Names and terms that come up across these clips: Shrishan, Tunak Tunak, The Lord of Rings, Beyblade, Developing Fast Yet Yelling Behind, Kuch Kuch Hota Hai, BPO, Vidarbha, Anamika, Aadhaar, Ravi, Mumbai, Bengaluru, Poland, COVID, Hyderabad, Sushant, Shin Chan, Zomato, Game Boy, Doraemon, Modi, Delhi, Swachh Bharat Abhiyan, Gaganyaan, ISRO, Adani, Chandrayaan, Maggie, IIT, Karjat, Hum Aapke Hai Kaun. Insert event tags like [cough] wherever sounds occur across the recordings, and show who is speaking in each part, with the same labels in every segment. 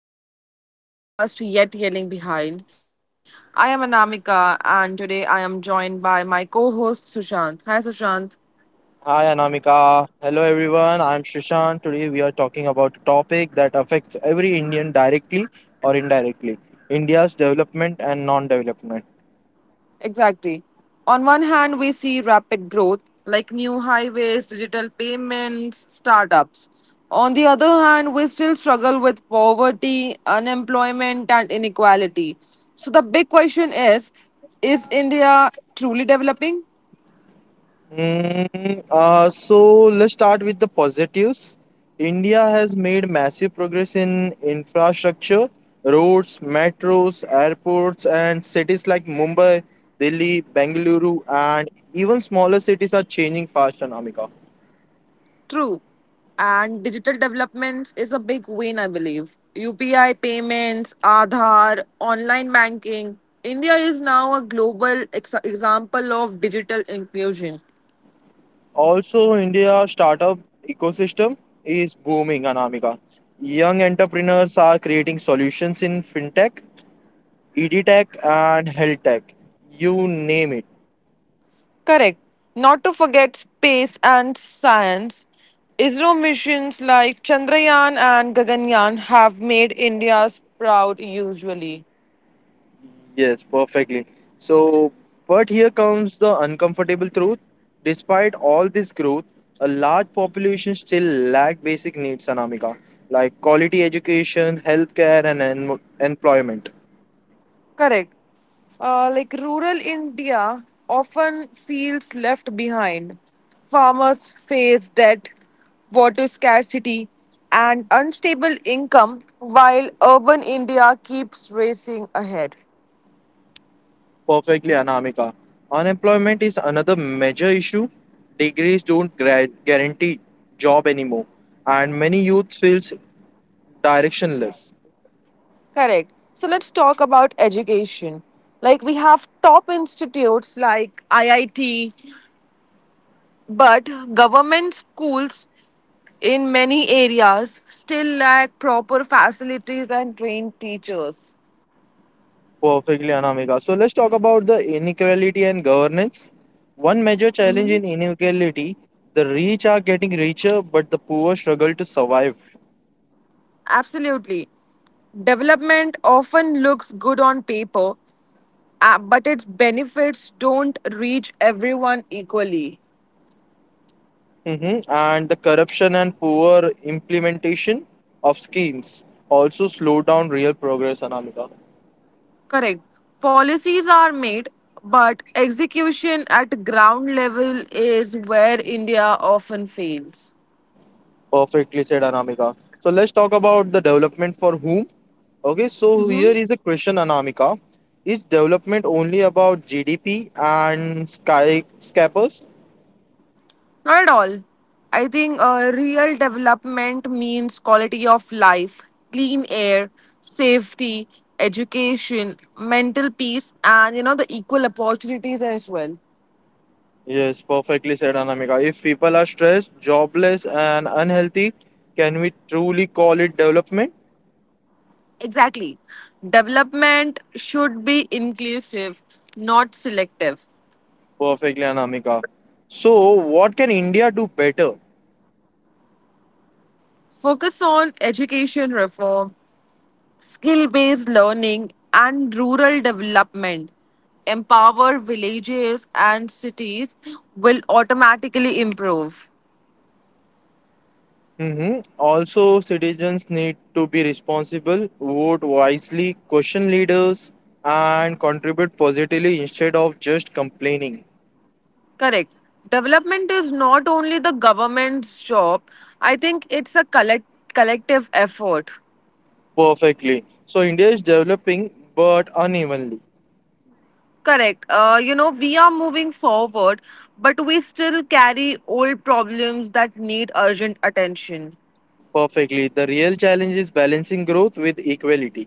Speaker 1: podcast, which is Developing Fast Yet Yelling Behind. I am Anamika, and today I am joined by my co host Sushant. Hi, Sushant.
Speaker 2: Hi Anamika. Hello everyone. I'm Shrishan. Today we are talking about a topic that affects every Indian directly or indirectly, India's development and non development.
Speaker 1: Exactly. On one hand, we see rapid growth like new highways, digital payments, startups. On the other hand, we still struggle with poverty, unemployment, and inequality. So, the big question is India truly developing?
Speaker 2: So let's start with the positives. India has made massive progress in infrastructure, roads, metros, airports, and cities like Mumbai, Delhi, Bengaluru, and even smaller cities are changing fast, Anamika.
Speaker 1: True. And digital developments is a big win, I believe. UPI payments, Aadhaar, online banking. India is now a global example of digital inclusion.
Speaker 2: Also, India startup ecosystem is booming, Anamika. Young entrepreneurs are creating solutions in fintech, edtech, and health tech. You name it.
Speaker 1: Correct. Not to forget space and science. ISRO missions like Chandrayaan and Gaganyaan have made India's proud usually.
Speaker 2: Yes, perfectly. So, but here comes the uncomfortable truth. Despite all this growth, a large population still lack basic needs, Anamika, like quality education, healthcare, and employment.
Speaker 1: Correct. Like rural India often feels left behind. Farmers face debt, water scarcity, and unstable income, while urban India keeps racing ahead.
Speaker 2: Perfectly, Anamika. Unemployment is another major issue. Degrees don't guarantee job anymore, and many youth feels directionless.
Speaker 1: Correct. So let's talk about education. Like we have top institutes like IIT, but government schools in many areas still lack proper facilities and trained teachers.
Speaker 2: Perfectly, Anamika. So let's talk about the inequality and governance. One major challenge in inequality: the rich are getting richer, but the poor struggle to survive.
Speaker 1: Absolutely. Development often looks good on paper, but its benefits don't reach everyone equally.
Speaker 2: Mhm. And the corruption and poor implementation of schemes also slow down real progress, Anamika.
Speaker 1: Correct. Policies are made, but execution at ground level is where India often fails.
Speaker 2: Perfectly said, Anamika. So let's talk about the development for whom. Okay, so here is a question, Anamika. Is development only about GDP and skyscrapers?
Speaker 1: Not at all. I think real development means quality of life, clean air, safety, education, mental peace, and you know the equal opportunities as well.
Speaker 2: Yes, perfectly said, Anamika. If people are stressed, jobless, and unhealthy, can we truly call it development?
Speaker 1: Exactly. Development should be inclusive, not selective.
Speaker 2: Perfectly, Anamika. So, what can India do better?
Speaker 1: Focus on education reform, skill based learning, and rural development. Empower villages and cities will automatically improve.
Speaker 2: Hmm. Also, citizens need to be responsible, vote wisely, question leaders, and contribute positively instead of just complaining.
Speaker 1: Correct. Development is not only the government's job. I think it's a collective effort.
Speaker 2: Perfectly. So, India is developing but unevenly.
Speaker 1: Correct. You know, we are moving forward, but we still carry old problems that need urgent attention.
Speaker 2: Perfectly. The real challenge is balancing growth with equality.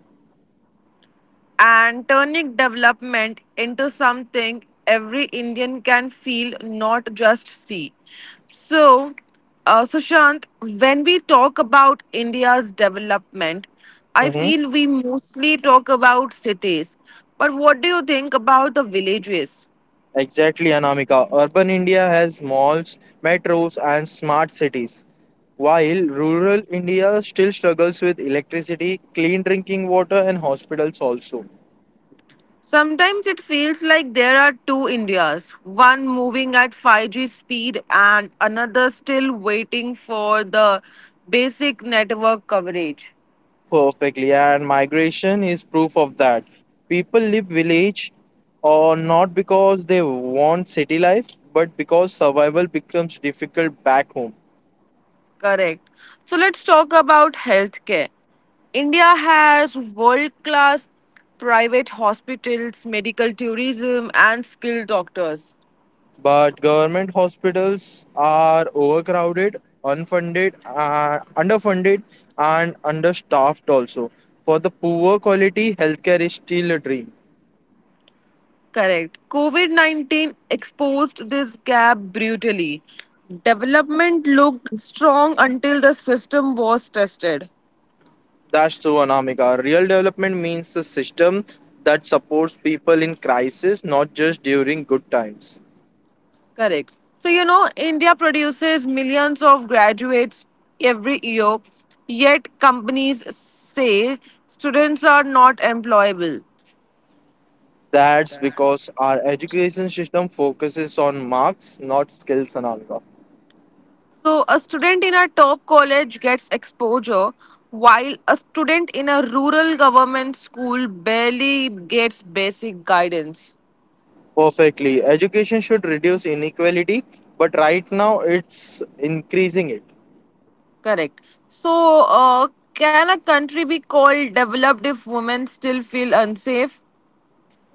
Speaker 1: And turning development into something every Indian can feel, not just see. So, Sushant, when we talk about India's development, I
Speaker 2: Mm-hmm.
Speaker 1: feel we mostly talk about cities. But what do you think about the villages?
Speaker 2: Exactly, Anamika. Urban India has malls, metros, and smart cities. While rural India still struggles with electricity, clean drinking water, and hospitals also.
Speaker 1: Sometimes it feels like there are two Indias, one moving at 5G speed and another still waiting for the basic network coverage.
Speaker 2: Perfectly, and migration is proof of that. People leave village or not because they want city life, but because survival becomes difficult back home.
Speaker 1: Correct. So let's talk about healthcare. India has world class private hospitals, medical tourism, and skilled doctors.
Speaker 2: But government hospitals are overcrowded, underfunded, and understaffed also. For the poor quality, healthcare is still a dream.
Speaker 1: Correct. COVID 19 exposed this gap brutally. Development looked strong until the system was tested.
Speaker 2: That's true, Anamika. Real development means a system that supports people in crisis, not just during good times.
Speaker 1: Correct. So, you know, India produces millions of graduates every year, yet companies say students are not employable.
Speaker 2: That's because our education system focuses on marks, not skills, Anamika.
Speaker 1: So, a student in a top college gets exposure, while a student in a rural government school barely gets basic guidance.
Speaker 2: Perfectly. Education should reduce inequality, but right now it's increasing it.
Speaker 1: Correct. So, can a country be called developed if women still feel unsafe?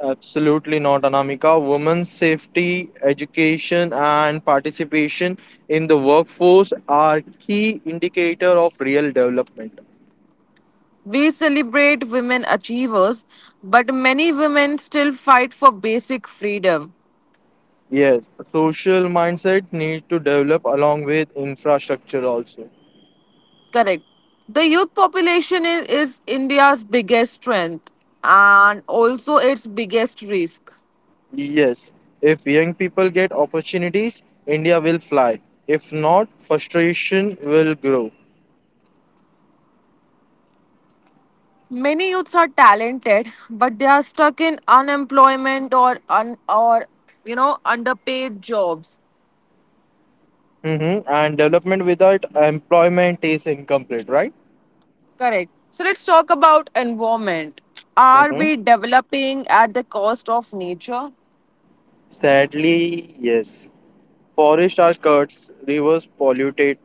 Speaker 2: Absolutely not, Anamika. Women's safety, education, and participation in the workforce are key indicator of real development.
Speaker 1: We celebrate women achievers, but many women still fight for basic freedom.
Speaker 2: Yes, social mindset needs to develop along with infrastructure also.
Speaker 1: Correct. The youth population is India's biggest strength and also its biggest risk.
Speaker 2: Yes, if young people get opportunities, India will fly. If not, frustration will grow.
Speaker 1: Many youths are talented, but they are stuck in unemployment or you know underpaid jobs.
Speaker 2: And development without employment is incomplete, right?
Speaker 1: Correct. So let's talk about environment. Are
Speaker 2: hmm
Speaker 1: we developing at the cost of nature?
Speaker 2: Sadly, yes. Forests are cut, rivers polluted,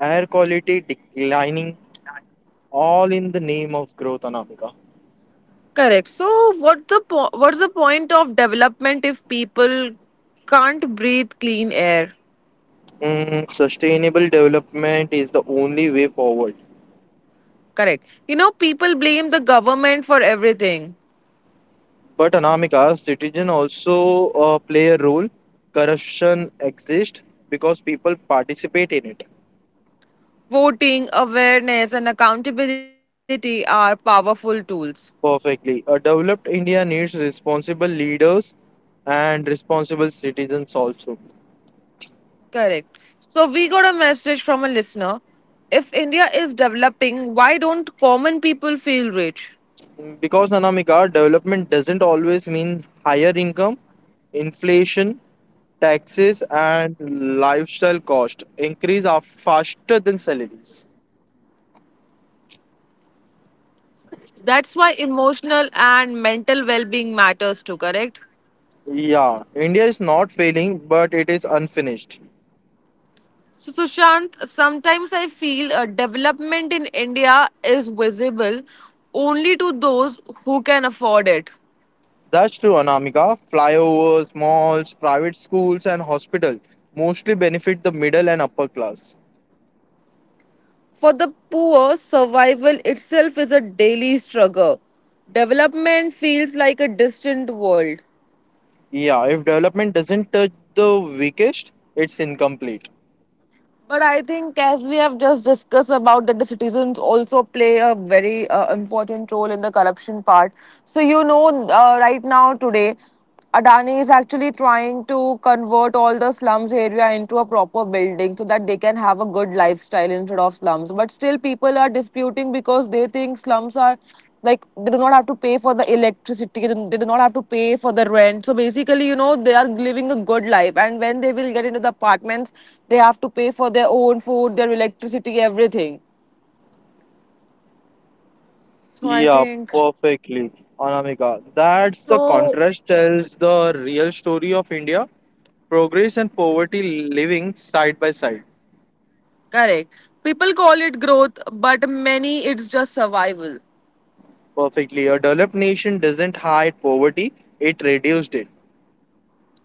Speaker 2: air quality declining, all in the name of growth, Anamika.
Speaker 1: Correct. So what's the point of development if people can't breathe clean air?
Speaker 2: Sustainable development is the only way forward.
Speaker 1: Correct. You know, people blame the government for everything.
Speaker 2: But Anamika, citizen also play a role. Corruption exists because people participate in it.
Speaker 1: Voting, awareness, and accountability are powerful tools.
Speaker 2: Perfectly. A developed India needs responsible leaders and responsible citizens also.
Speaker 1: Correct. So we got a message from a listener. If India is developing, why don't common people feel rich?
Speaker 2: Because Anamika, development doesn't always mean higher income, inflation, taxes, and lifestyle cost increase are faster than salaries.
Speaker 1: That's why emotional and mental well being matters too, correct?
Speaker 2: Yeah, India is not failing, but it is unfinished.
Speaker 1: So, Sushant, sometimes I feel a development in India is visible only to those who can afford it.
Speaker 2: That's true, Anamika. Flyovers, malls, private schools, and hospitals mostly benefit the middle and upper class.
Speaker 1: For the poor, survival itself is a daily struggle. Development feels like a distant world.
Speaker 2: Yeah, if development doesn't touch the weakest, it's incomplete.
Speaker 1: But I think, as we have just discussed about that, the citizens also play a very important role in the corruption part. So you know, right now today, Adani is actually trying to convert all the slums area into a proper building so that they can have a good lifestyle instead of slums. But still, people are disputing because they think slums are like they do not have to pay for the electricity, they do not have to pay for the rent, so basically you know they are living a good life, and when they will get into the apartments they have to pay for their own food, their electricity, everything. So I
Speaker 2: Yeah,
Speaker 1: think
Speaker 2: perfectly, Anamika. That's the
Speaker 1: so.
Speaker 2: contrast tells the real story of India, progress and poverty living side by side.
Speaker 1: Correct. People call it growth, but many it's just survival.
Speaker 2: Perfectly. A developed nation doesn't hide poverty, it reduced it.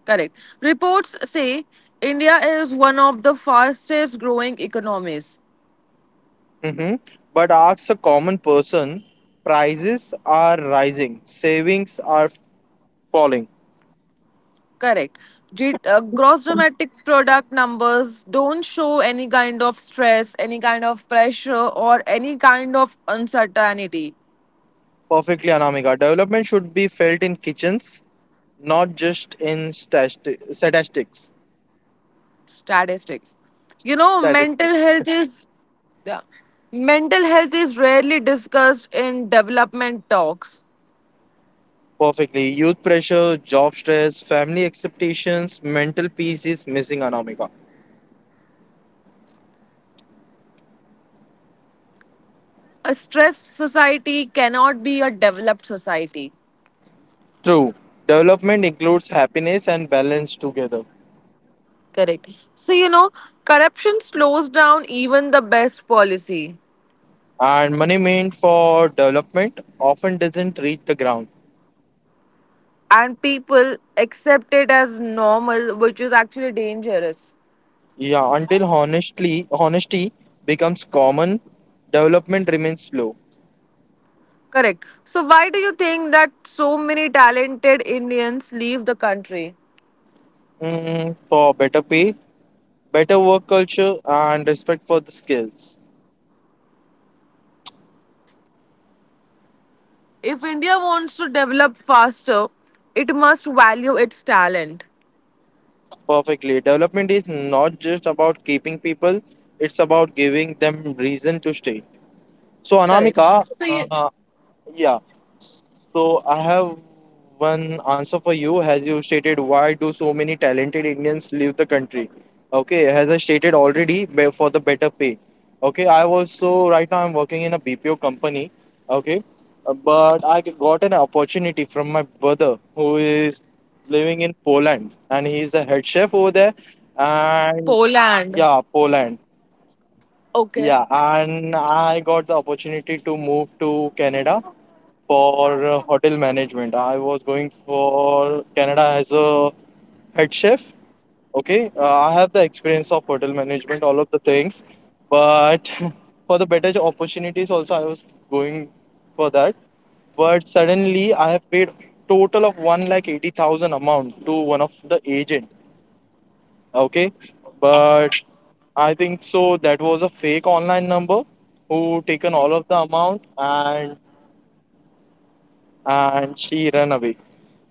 Speaker 1: Correct. Reports say india is one of the fastest growing economies.
Speaker 2: hmm But ask a common person, prices are rising, savings are falling.
Speaker 1: Correct. Gross domestic product numbers don't show any kind of stress, any kind of pressure, or any kind of uncertainty.
Speaker 2: Perfectly, Anamika. Development should be felt in kitchens, not just in statistics.
Speaker 1: Statistics. You know, mental
Speaker 2: Statistics.
Speaker 1: health is yeah. Mental health is rarely discussed in development talks.
Speaker 2: Perfectly. Youth pressure, job stress, family expectations, mental peace is missing, Anamika.
Speaker 1: A stressed society cannot be a developed society.
Speaker 2: True. Development includes happiness and balance together.
Speaker 1: Correct. So you know, corruption slows down even the best policy.
Speaker 2: And money meant for development often doesn't reach the ground.
Speaker 1: And people accept it as normal, which is actually dangerous.
Speaker 2: Yeah, until honestly honesty becomes common, development remains slow.
Speaker 1: Correct. So, why do you think that so many talented Indians leave the country?
Speaker 2: For better pay, better work culture, and respect for the skills.
Speaker 1: If India wants to develop faster, it must value its talent.
Speaker 2: Perfectly. Development is not just about keeping people, it's about giving them reason to stay. So,
Speaker 1: Correct.
Speaker 2: Anamika,
Speaker 1: So, you,
Speaker 2: uh, Yeah. So I have one answer for you. As you stated, why do so many talented Indians leave the country? Okay, as I stated already, for the better pay. Okay, I also right now I'm working in a BPO company. Okay, but I got an opportunity from my brother who is living in Poland and he's a head chef over there. And
Speaker 1: Poland.
Speaker 2: yeah, Poland.
Speaker 1: Okay.
Speaker 2: Yeah, and I got the opportunity to move to Canada for hotel management. I was going for Canada as a head chef. Okay, I have the experience of hotel management, all of the things, but [laughs] for the better opportunities also, I was going for that. But suddenly, I have paid total of 1,80,000 amount to one of the agent. Okay, but I think so. That was a fake online number who taken all of the amount, and she ran away.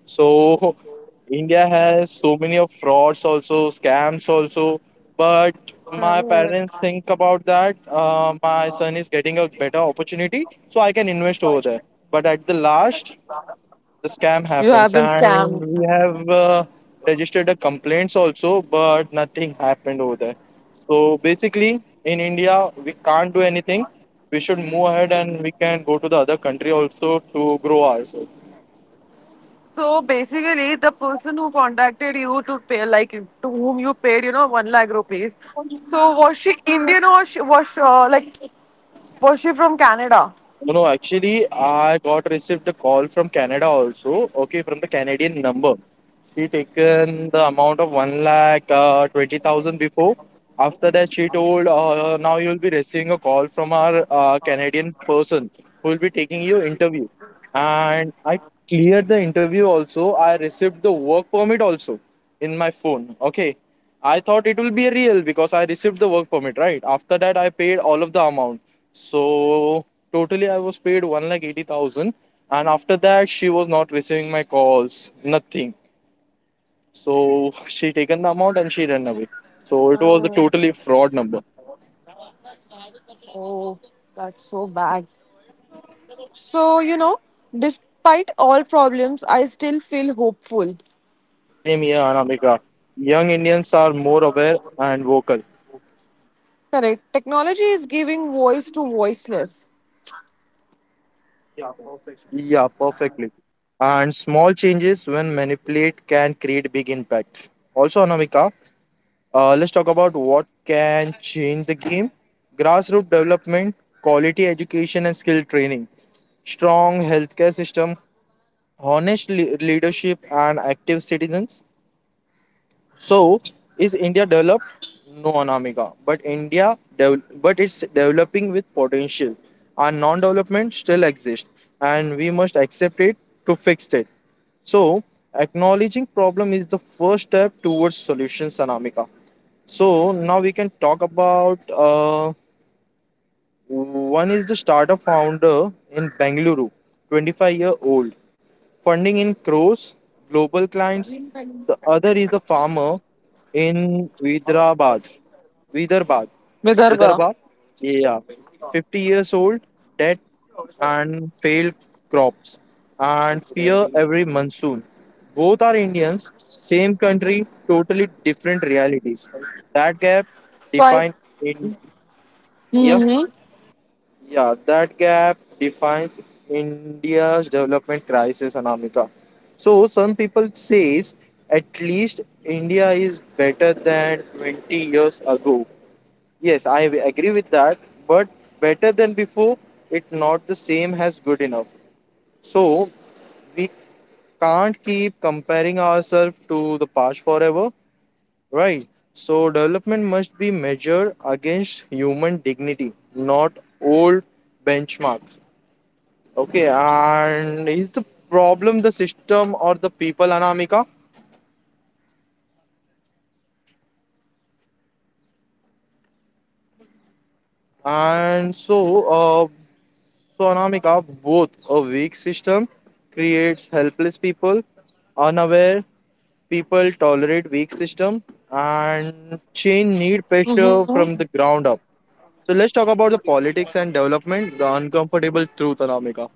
Speaker 2: So [laughs] India has so many of frauds also, scams also. But my parents think about that. My son is getting a better opportunity, so I can invest over there. But at the last, the scam
Speaker 1: You have
Speaker 2: happens,
Speaker 1: been
Speaker 2: and
Speaker 1: scammed.
Speaker 2: we have registered the complaints also, but nothing happened over there. So basically, in India, we can't do anything. We should move ahead, and we can go to the other country also to grow ourselves.
Speaker 1: So basically, the person who contacted you to pay, like to whom you paid, you know, one lakh rupees. So was she Indian or she was like, was she from Canada?
Speaker 2: No, no, actually, I got received a call from Canada also. Okay, from the Canadian number. She taken the amount of one lakh twenty thousand before. After that, she told, now you will be receiving a call from our Canadian person who will be taking your interview. And I cleared the interview also. I received the work permit also in my phone. Okay, I thought it will be real because I received the work permit. Right after that, I paid all of the amount. So totally, I was paid 1,80,000, and after that, she was not receiving my calls, nothing. So [laughs] she taken the amount and she ran away. So it was a
Speaker 1: Oh,
Speaker 2: totally fraud number.
Speaker 1: oh, that's so bad. So, you know, despite all problems, I still feel hopeful.
Speaker 2: Same here, Anamika. Young Indians are more aware and vocal.
Speaker 1: Correct. Technology is giving voice to voiceless.
Speaker 2: Yeah, perfectly. And small changes when manipulate can create big impact. Also, Anamika, let's talk about what can change the game. Grassroots development, quality education, and skill training, strong healthcare system, honest leadership, and active citizens. So, is India developed? No, Anamika. But India, but it's developing with potential, and non-development still exists, and we must accept it to fix it. So, acknowledging problem is the first step towards solutions, Anamika. So now we can talk about one is the startup founder in Bengaluru, 25 year old, funding in crores, global clients. The other is a farmer in Hyderabad. Vidarbad.
Speaker 1: Vidarbha.
Speaker 2: Vidarbha. Yeah. 50 years old, debt and failed crops and fear every monsoon. Both are Indians, same country, totally different realities. That gap
Speaker 1: So I
Speaker 2: defines India
Speaker 1: mm-hmm.
Speaker 2: yeah, that gap defines India's development crisis, Anamika. So some people says at least India is better than 20 years ago. Yes, I agree with that, but better than before, it's not the same as good enough. So we can't keep comparing ourselves to the past forever, right? So, development must be measured against human dignity, not old benchmark. Okay, and is the problem the system or the people, Anamika? And so, uh, so, Anamika, both a weak system creates helpless people, unaware people tolerate weak system, and change need pressure
Speaker 1: Mhm.
Speaker 2: from the ground up. So let's talk about the politics and development, the uncomfortable truth, Anamika.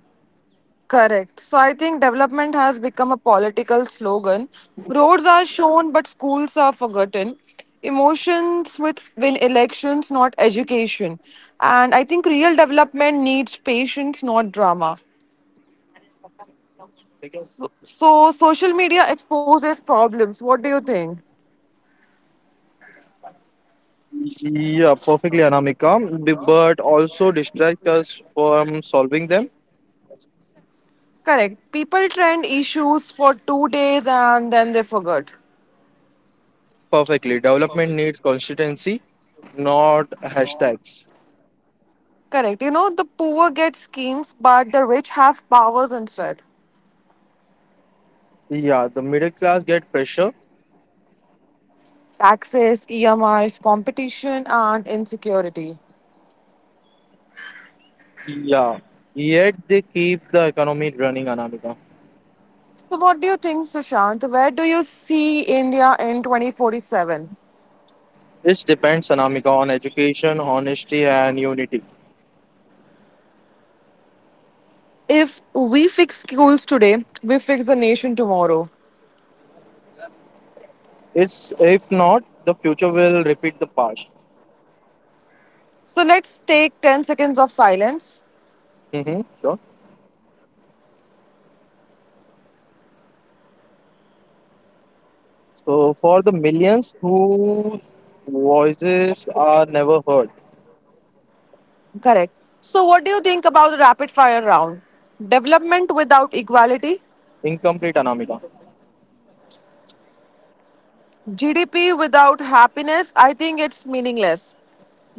Speaker 1: Correct. So I think development has become a political slogan. Roads are shown, but schools are forgotten. Emotions with win elections, not education. And I think real development needs patience, not drama. So, social media exposes problems. What do you think?
Speaker 2: Yeah, perfectly, Anamika, but also distract us from solving them.
Speaker 1: Correct. People trend issues for 2 days and then they forget.
Speaker 2: Perfectly. Development needs consistency, not hashtags.
Speaker 1: Correct. You know, the poor get schemes, but the rich have powers instead
Speaker 2: Yeah, the middle class get pressure.
Speaker 1: taxes, EMIs, competition, and insecurity.
Speaker 2: Yeah, yet they keep the economy running, Anamika.
Speaker 1: So, what do you think, Sushant? Where do you see India in 2047?
Speaker 2: It depends, Anamika, on education, honesty, and unity.
Speaker 1: If we fix schools today, we fix the nation tomorrow.
Speaker 2: It's if not, the future will repeat the past.
Speaker 1: So, let's take 10 seconds of silence.
Speaker 2: Mm-hmm, sure. So for the millions whose voices are never heard,
Speaker 1: Correct. So, what do you think about the rapid fire round? Development without equality,
Speaker 2: incomplete, Anamika.
Speaker 1: GDP without happiness, I think it's meaningless.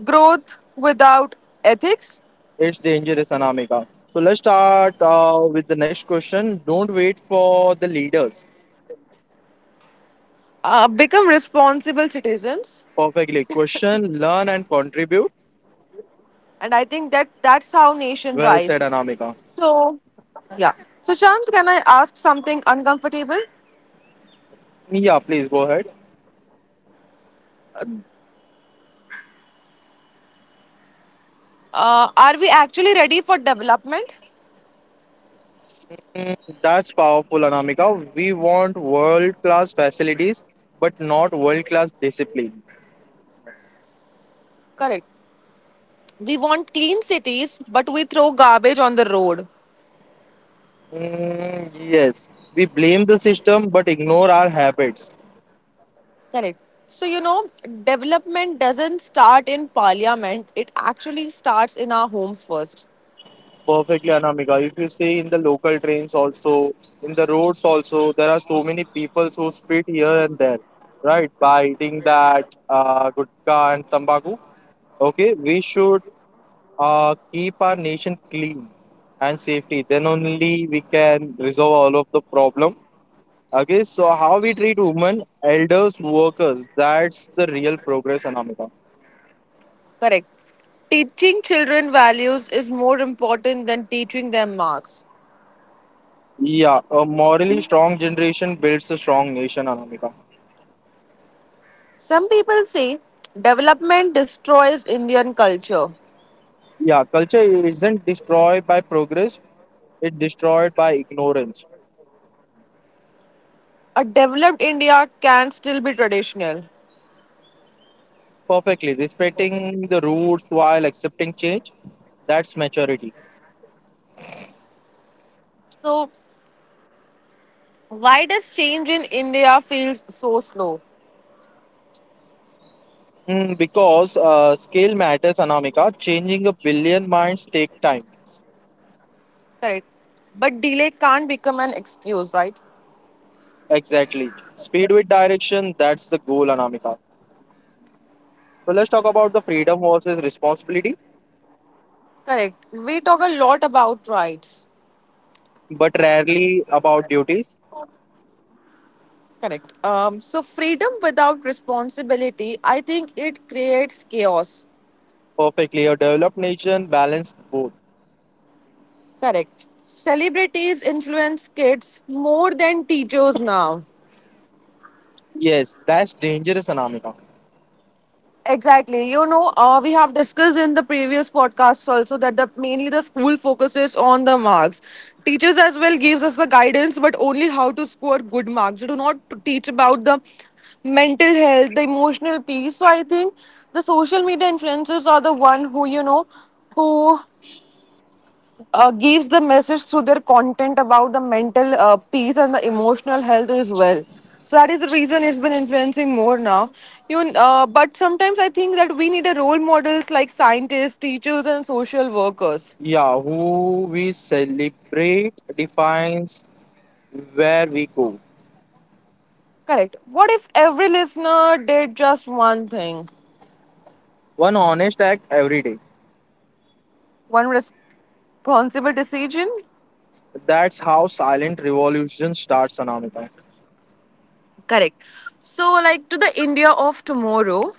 Speaker 1: Growth without ethics,
Speaker 2: It's dangerous, Anamika. So let's start with the next question. Don't wait for the leaders.
Speaker 1: become responsible citizens,
Speaker 2: Perfectly. Question, learn and contribute.
Speaker 1: and I think that's how nation
Speaker 2: Well said,
Speaker 1: rise.
Speaker 2: Anamika.
Speaker 1: So, yeah. So, Shant, can I ask something uncomfortable?
Speaker 2: Yeah, please go ahead.
Speaker 1: Are we actually ready for development?
Speaker 2: Mm, That's powerful, Anamika. We want world-class facilities, but not world-class discipline.
Speaker 1: Correct. We want clean cities, but we throw garbage on the road.
Speaker 2: Yes, we blame the system, but ignore our habits.
Speaker 1: Correct. So, you know, development doesn't start in parliament, it actually starts in our homes first.
Speaker 2: Perfectly, Anamika. If you see in the local trains also, in the roads also, there are so many people who spit here and there, right? By eating that gutka and tambaku, okay, we should keep our nation clean and safety. Then only we can resolve all of the problem. Okay, so how we treat women, elders, workers, that's the real progress, Anamika.
Speaker 1: Correct. Teaching children values is more important than teaching them marks.
Speaker 2: Yeah, a morally strong generation builds a strong nation, Anamika.
Speaker 1: Some people say development destroys Indian culture.
Speaker 2: Yeah, culture isn't destroyed by progress, it's destroyed by ignorance.
Speaker 1: A developed India can still be traditional.
Speaker 2: Perfectly. Respecting the roots while accepting change, that's maturity.
Speaker 1: So, why does change in India feel so slow?
Speaker 2: Because scale matters, Anamika. Changing a billion minds take time.
Speaker 1: Correct. But delay can't become an excuse, right?
Speaker 2: Exactly. Speed with direction, that's the goal, Anamika. So let's talk about the freedom versus responsibility,
Speaker 1: Correct. We talk a lot about rights.
Speaker 2: but rarely about duties.
Speaker 1: Correct. So freedom without responsibility, I think it creates chaos.
Speaker 2: Perfectly. A developed nation balance both.
Speaker 1: Correct. Celebrities influence kids more than teachers now.
Speaker 2: Yes, that's dangerous, Anamika.
Speaker 1: Exactly. You know, we have discussed in the previous podcasts also that the, mainly the school focuses on the marks. Teachers as well gives us the guidance, but only how to score good marks. They do not teach about the mental health, the emotional peace. So I think the social media influencers are the one who you know who gives the message through their content about the mental peace and the emotional health as well. So that is the reason it's been influencing more now. But sometimes I think that we need a role models like scientists, teachers, and social workers.
Speaker 2: Yeah, who we celebrate defines where we go.
Speaker 1: Correct. What if every listener did just one thing,
Speaker 2: One honest act every day.
Speaker 1: one responsible decision?
Speaker 2: That's how silent revolution starts, Anamika.
Speaker 1: Correct. So, like to the India of tomorrow,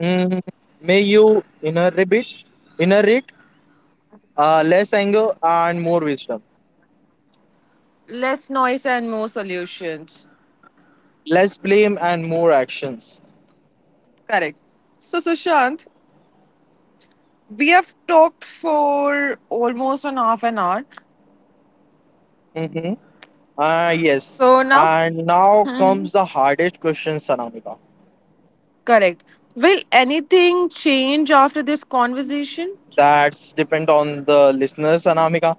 Speaker 2: Mm, may you inherit, inherit less anger and more wisdom,
Speaker 1: less noise and more solutions.
Speaker 2: less blame and more actions.
Speaker 1: Correct. So, Sushant, we have talked for almost an half an hour.
Speaker 2: Mm-hmm. Yes.
Speaker 1: So now,
Speaker 2: And now comes the hardest question, Anamika.
Speaker 1: correct. Will anything change after this conversation?
Speaker 2: That's depend on the listeners, Anamika.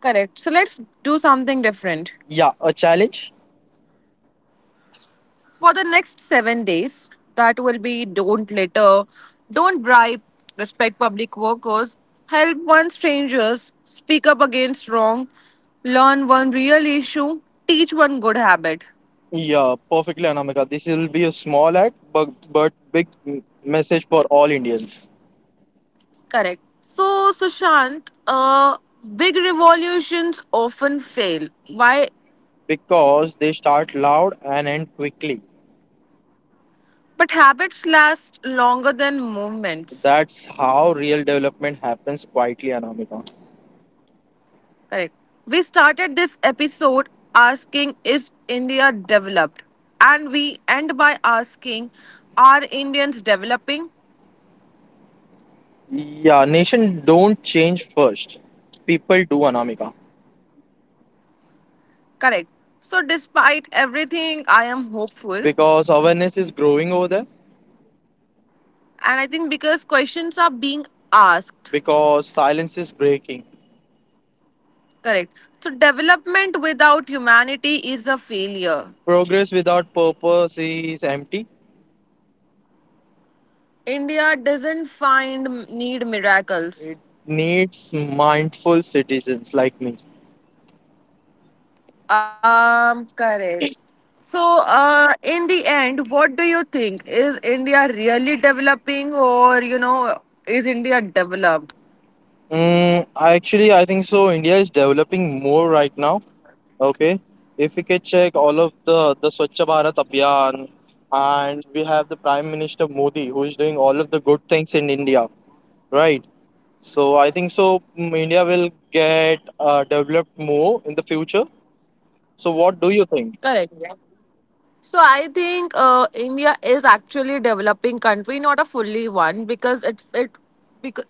Speaker 1: Correct. So let's do something different.
Speaker 2: Yeah, a challenge.
Speaker 1: For the next 7 days, that will be don't litter, don't bribe, respect public workers, help one strangers, speak up against wrong, learn one real issue, teach one good habit.
Speaker 2: Yeah, perfectly, Anamika. This will be a small act, but big message for all Indians,
Speaker 1: Correct. So, Sushant, big revolutions often fail. Why?
Speaker 2: because they start loud and end quickly.
Speaker 1: But habits last longer than movements.
Speaker 2: That's how real development happens quietly, Anamika.
Speaker 1: Correct. We started this episode asking, is India developed? And we end by asking, are Indians developing?
Speaker 2: Yeah, nation don't change first. People do, Anamika,
Speaker 1: Correct. So, despite everything, I am hopeful.
Speaker 2: because awareness is growing over there.
Speaker 1: And I think because questions are being asked.
Speaker 2: Because silence is breaking.
Speaker 1: Correct. So, development without humanity is a failure.
Speaker 2: Progress without purpose is empty.
Speaker 1: India doesn't find need miracles.
Speaker 2: It needs mindful citizens like me.
Speaker 1: Correct. So, in the end, what do you think? Is India really developing, or you know, is India developed?
Speaker 2: Actually, I think so. India is developing more right now. Okay, if we can check all of the Swachh Bharat Abhiyan, and we have the Prime Minister Modi who is doing all of the good things in India, right? So I think so. India will get developed more in the future. So what do you think?
Speaker 1: Correct. So I think India is actually a developing country, not a fully one, because it because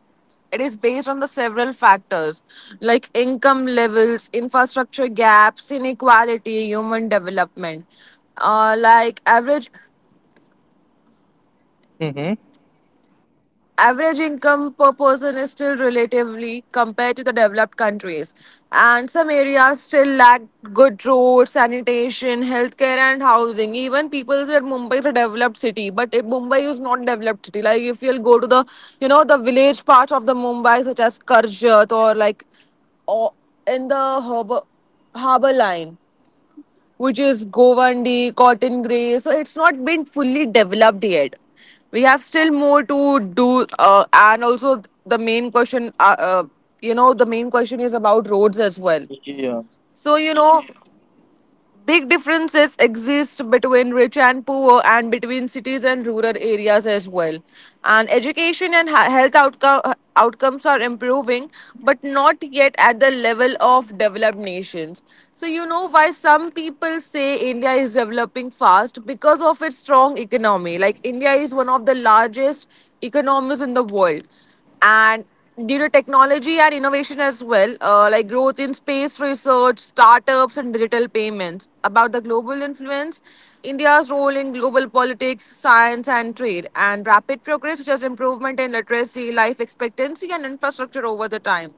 Speaker 1: it is based on the several factors like income levels, infrastructure gaps, inequality, human development. Like
Speaker 2: Mm-hmm.
Speaker 1: average income per person is still relatively compared to the developed countries, and some areas still lack good roads, sanitation, healthcare and housing. Even people said mumbai is a developed city, but it, mumbai is not developed city. Like if you'll go to the you know the village parts of the mumbai such as karjat or or in the harbor line which is Govandi, Cotton Grey. So it's not been fully developed yet. We have still more to do, and also the main question, you know, the main question is about roads as well.
Speaker 2: Yeah.
Speaker 1: So you know, big differences exist between rich and poor and between cities and rural areas as well. And education and health outcomes are improving, but not yet at the level of developed nations. So, you know why some people say India is developing fast because of its strong economy. Like, India is one of the largest economies in the world and due to technology and innovation as well, like growth in space research, startups, and digital payments. About the global influence, India's role in global politics, science, and trade, and rapid progress, such as improvement in literacy, life expectancy, and infrastructure over the time.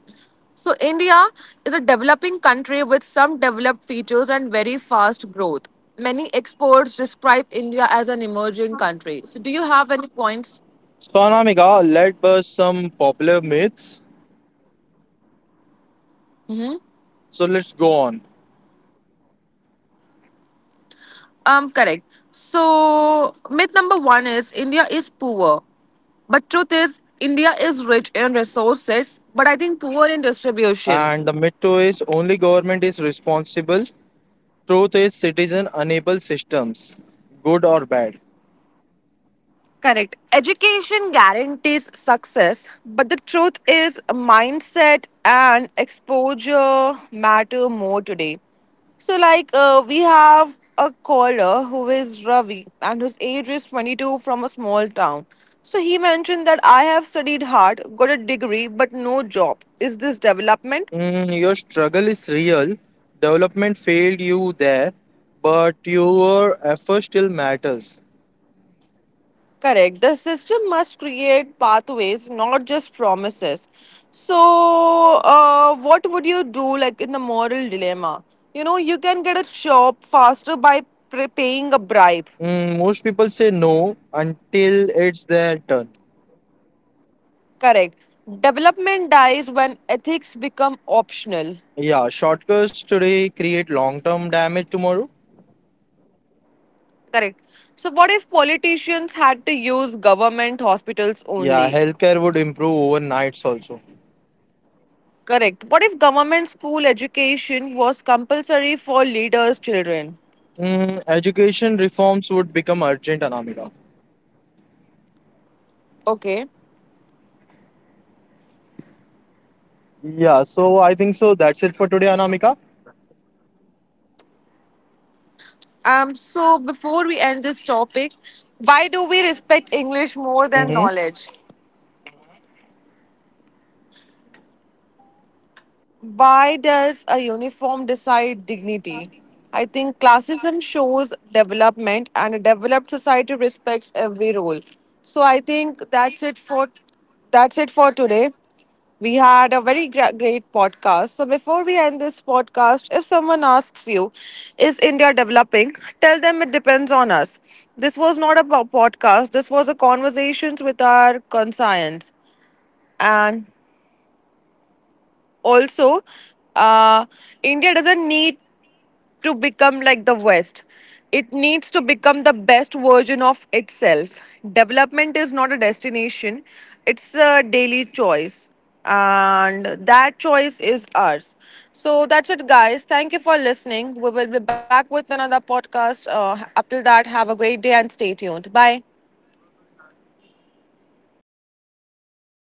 Speaker 1: So, India is a developing country with some developed features and very fast growth. Many experts describe India as an emerging country. So, do you have any points?
Speaker 2: So Anamika, let's burst some popular myths. So let's go on.
Speaker 1: Correct. So, myth number one is India is poor. But truth is, India is rich in resources, but I think poor in distribution.
Speaker 2: And the myth two is only government is responsible. Truth is, citizen enable systems, good or bad.
Speaker 1: Correct. Education guarantees success, but the truth is, mindset and exposure matter more today. So, like, we have a caller who is Ravi and whose age is 22 from a small town. So, he mentioned that I have studied hard, got a degree, but no job. Is this development?
Speaker 2: Your struggle is real. Development failed you there, but your effort still matters.
Speaker 1: Correct. The system must create pathways, not just promises. So, what would you do, like in the moral dilemma? You know, you can get a shop faster by paying a bribe.
Speaker 2: Most people say no until it's their turn.
Speaker 1: Correct. Development dies when ethics become optional.
Speaker 2: Yeah, shortcuts today create long-term damage tomorrow.
Speaker 1: Correct. So, what if politicians had to use government hospitals
Speaker 2: Yeah,
Speaker 1: only?
Speaker 2: healthcare would improve overnights also.
Speaker 1: Correct. What if government school education was compulsory for leaders' children?
Speaker 2: Education reforms would become urgent, Anamika.
Speaker 1: Okay.
Speaker 2: Yeah, so I think so. That's it for today, Anamika.
Speaker 1: So before we end this topic, why do we respect English more than
Speaker 2: Mm-hmm.
Speaker 1: knowledge? Why does a uniform decide dignity? I think classism shows development and a developed society respects every role. So I think that's it for today. We had a very great podcast. So before we end this podcast, if someone asks you, is India developing? Tell them it depends on us. This was not a podcast. This was a conversations with our conscience. And also uh, india doesn't need to become like the west, it needs to become the best version of itself. Development is not a destination, it's a daily choice, and that choice is ours. So that's it guys, thank you for listening, we will be back with another podcast, up till that have a great day and stay
Speaker 2: Bye bye,
Speaker 1: tuned. Bye.
Speaker 2: guys.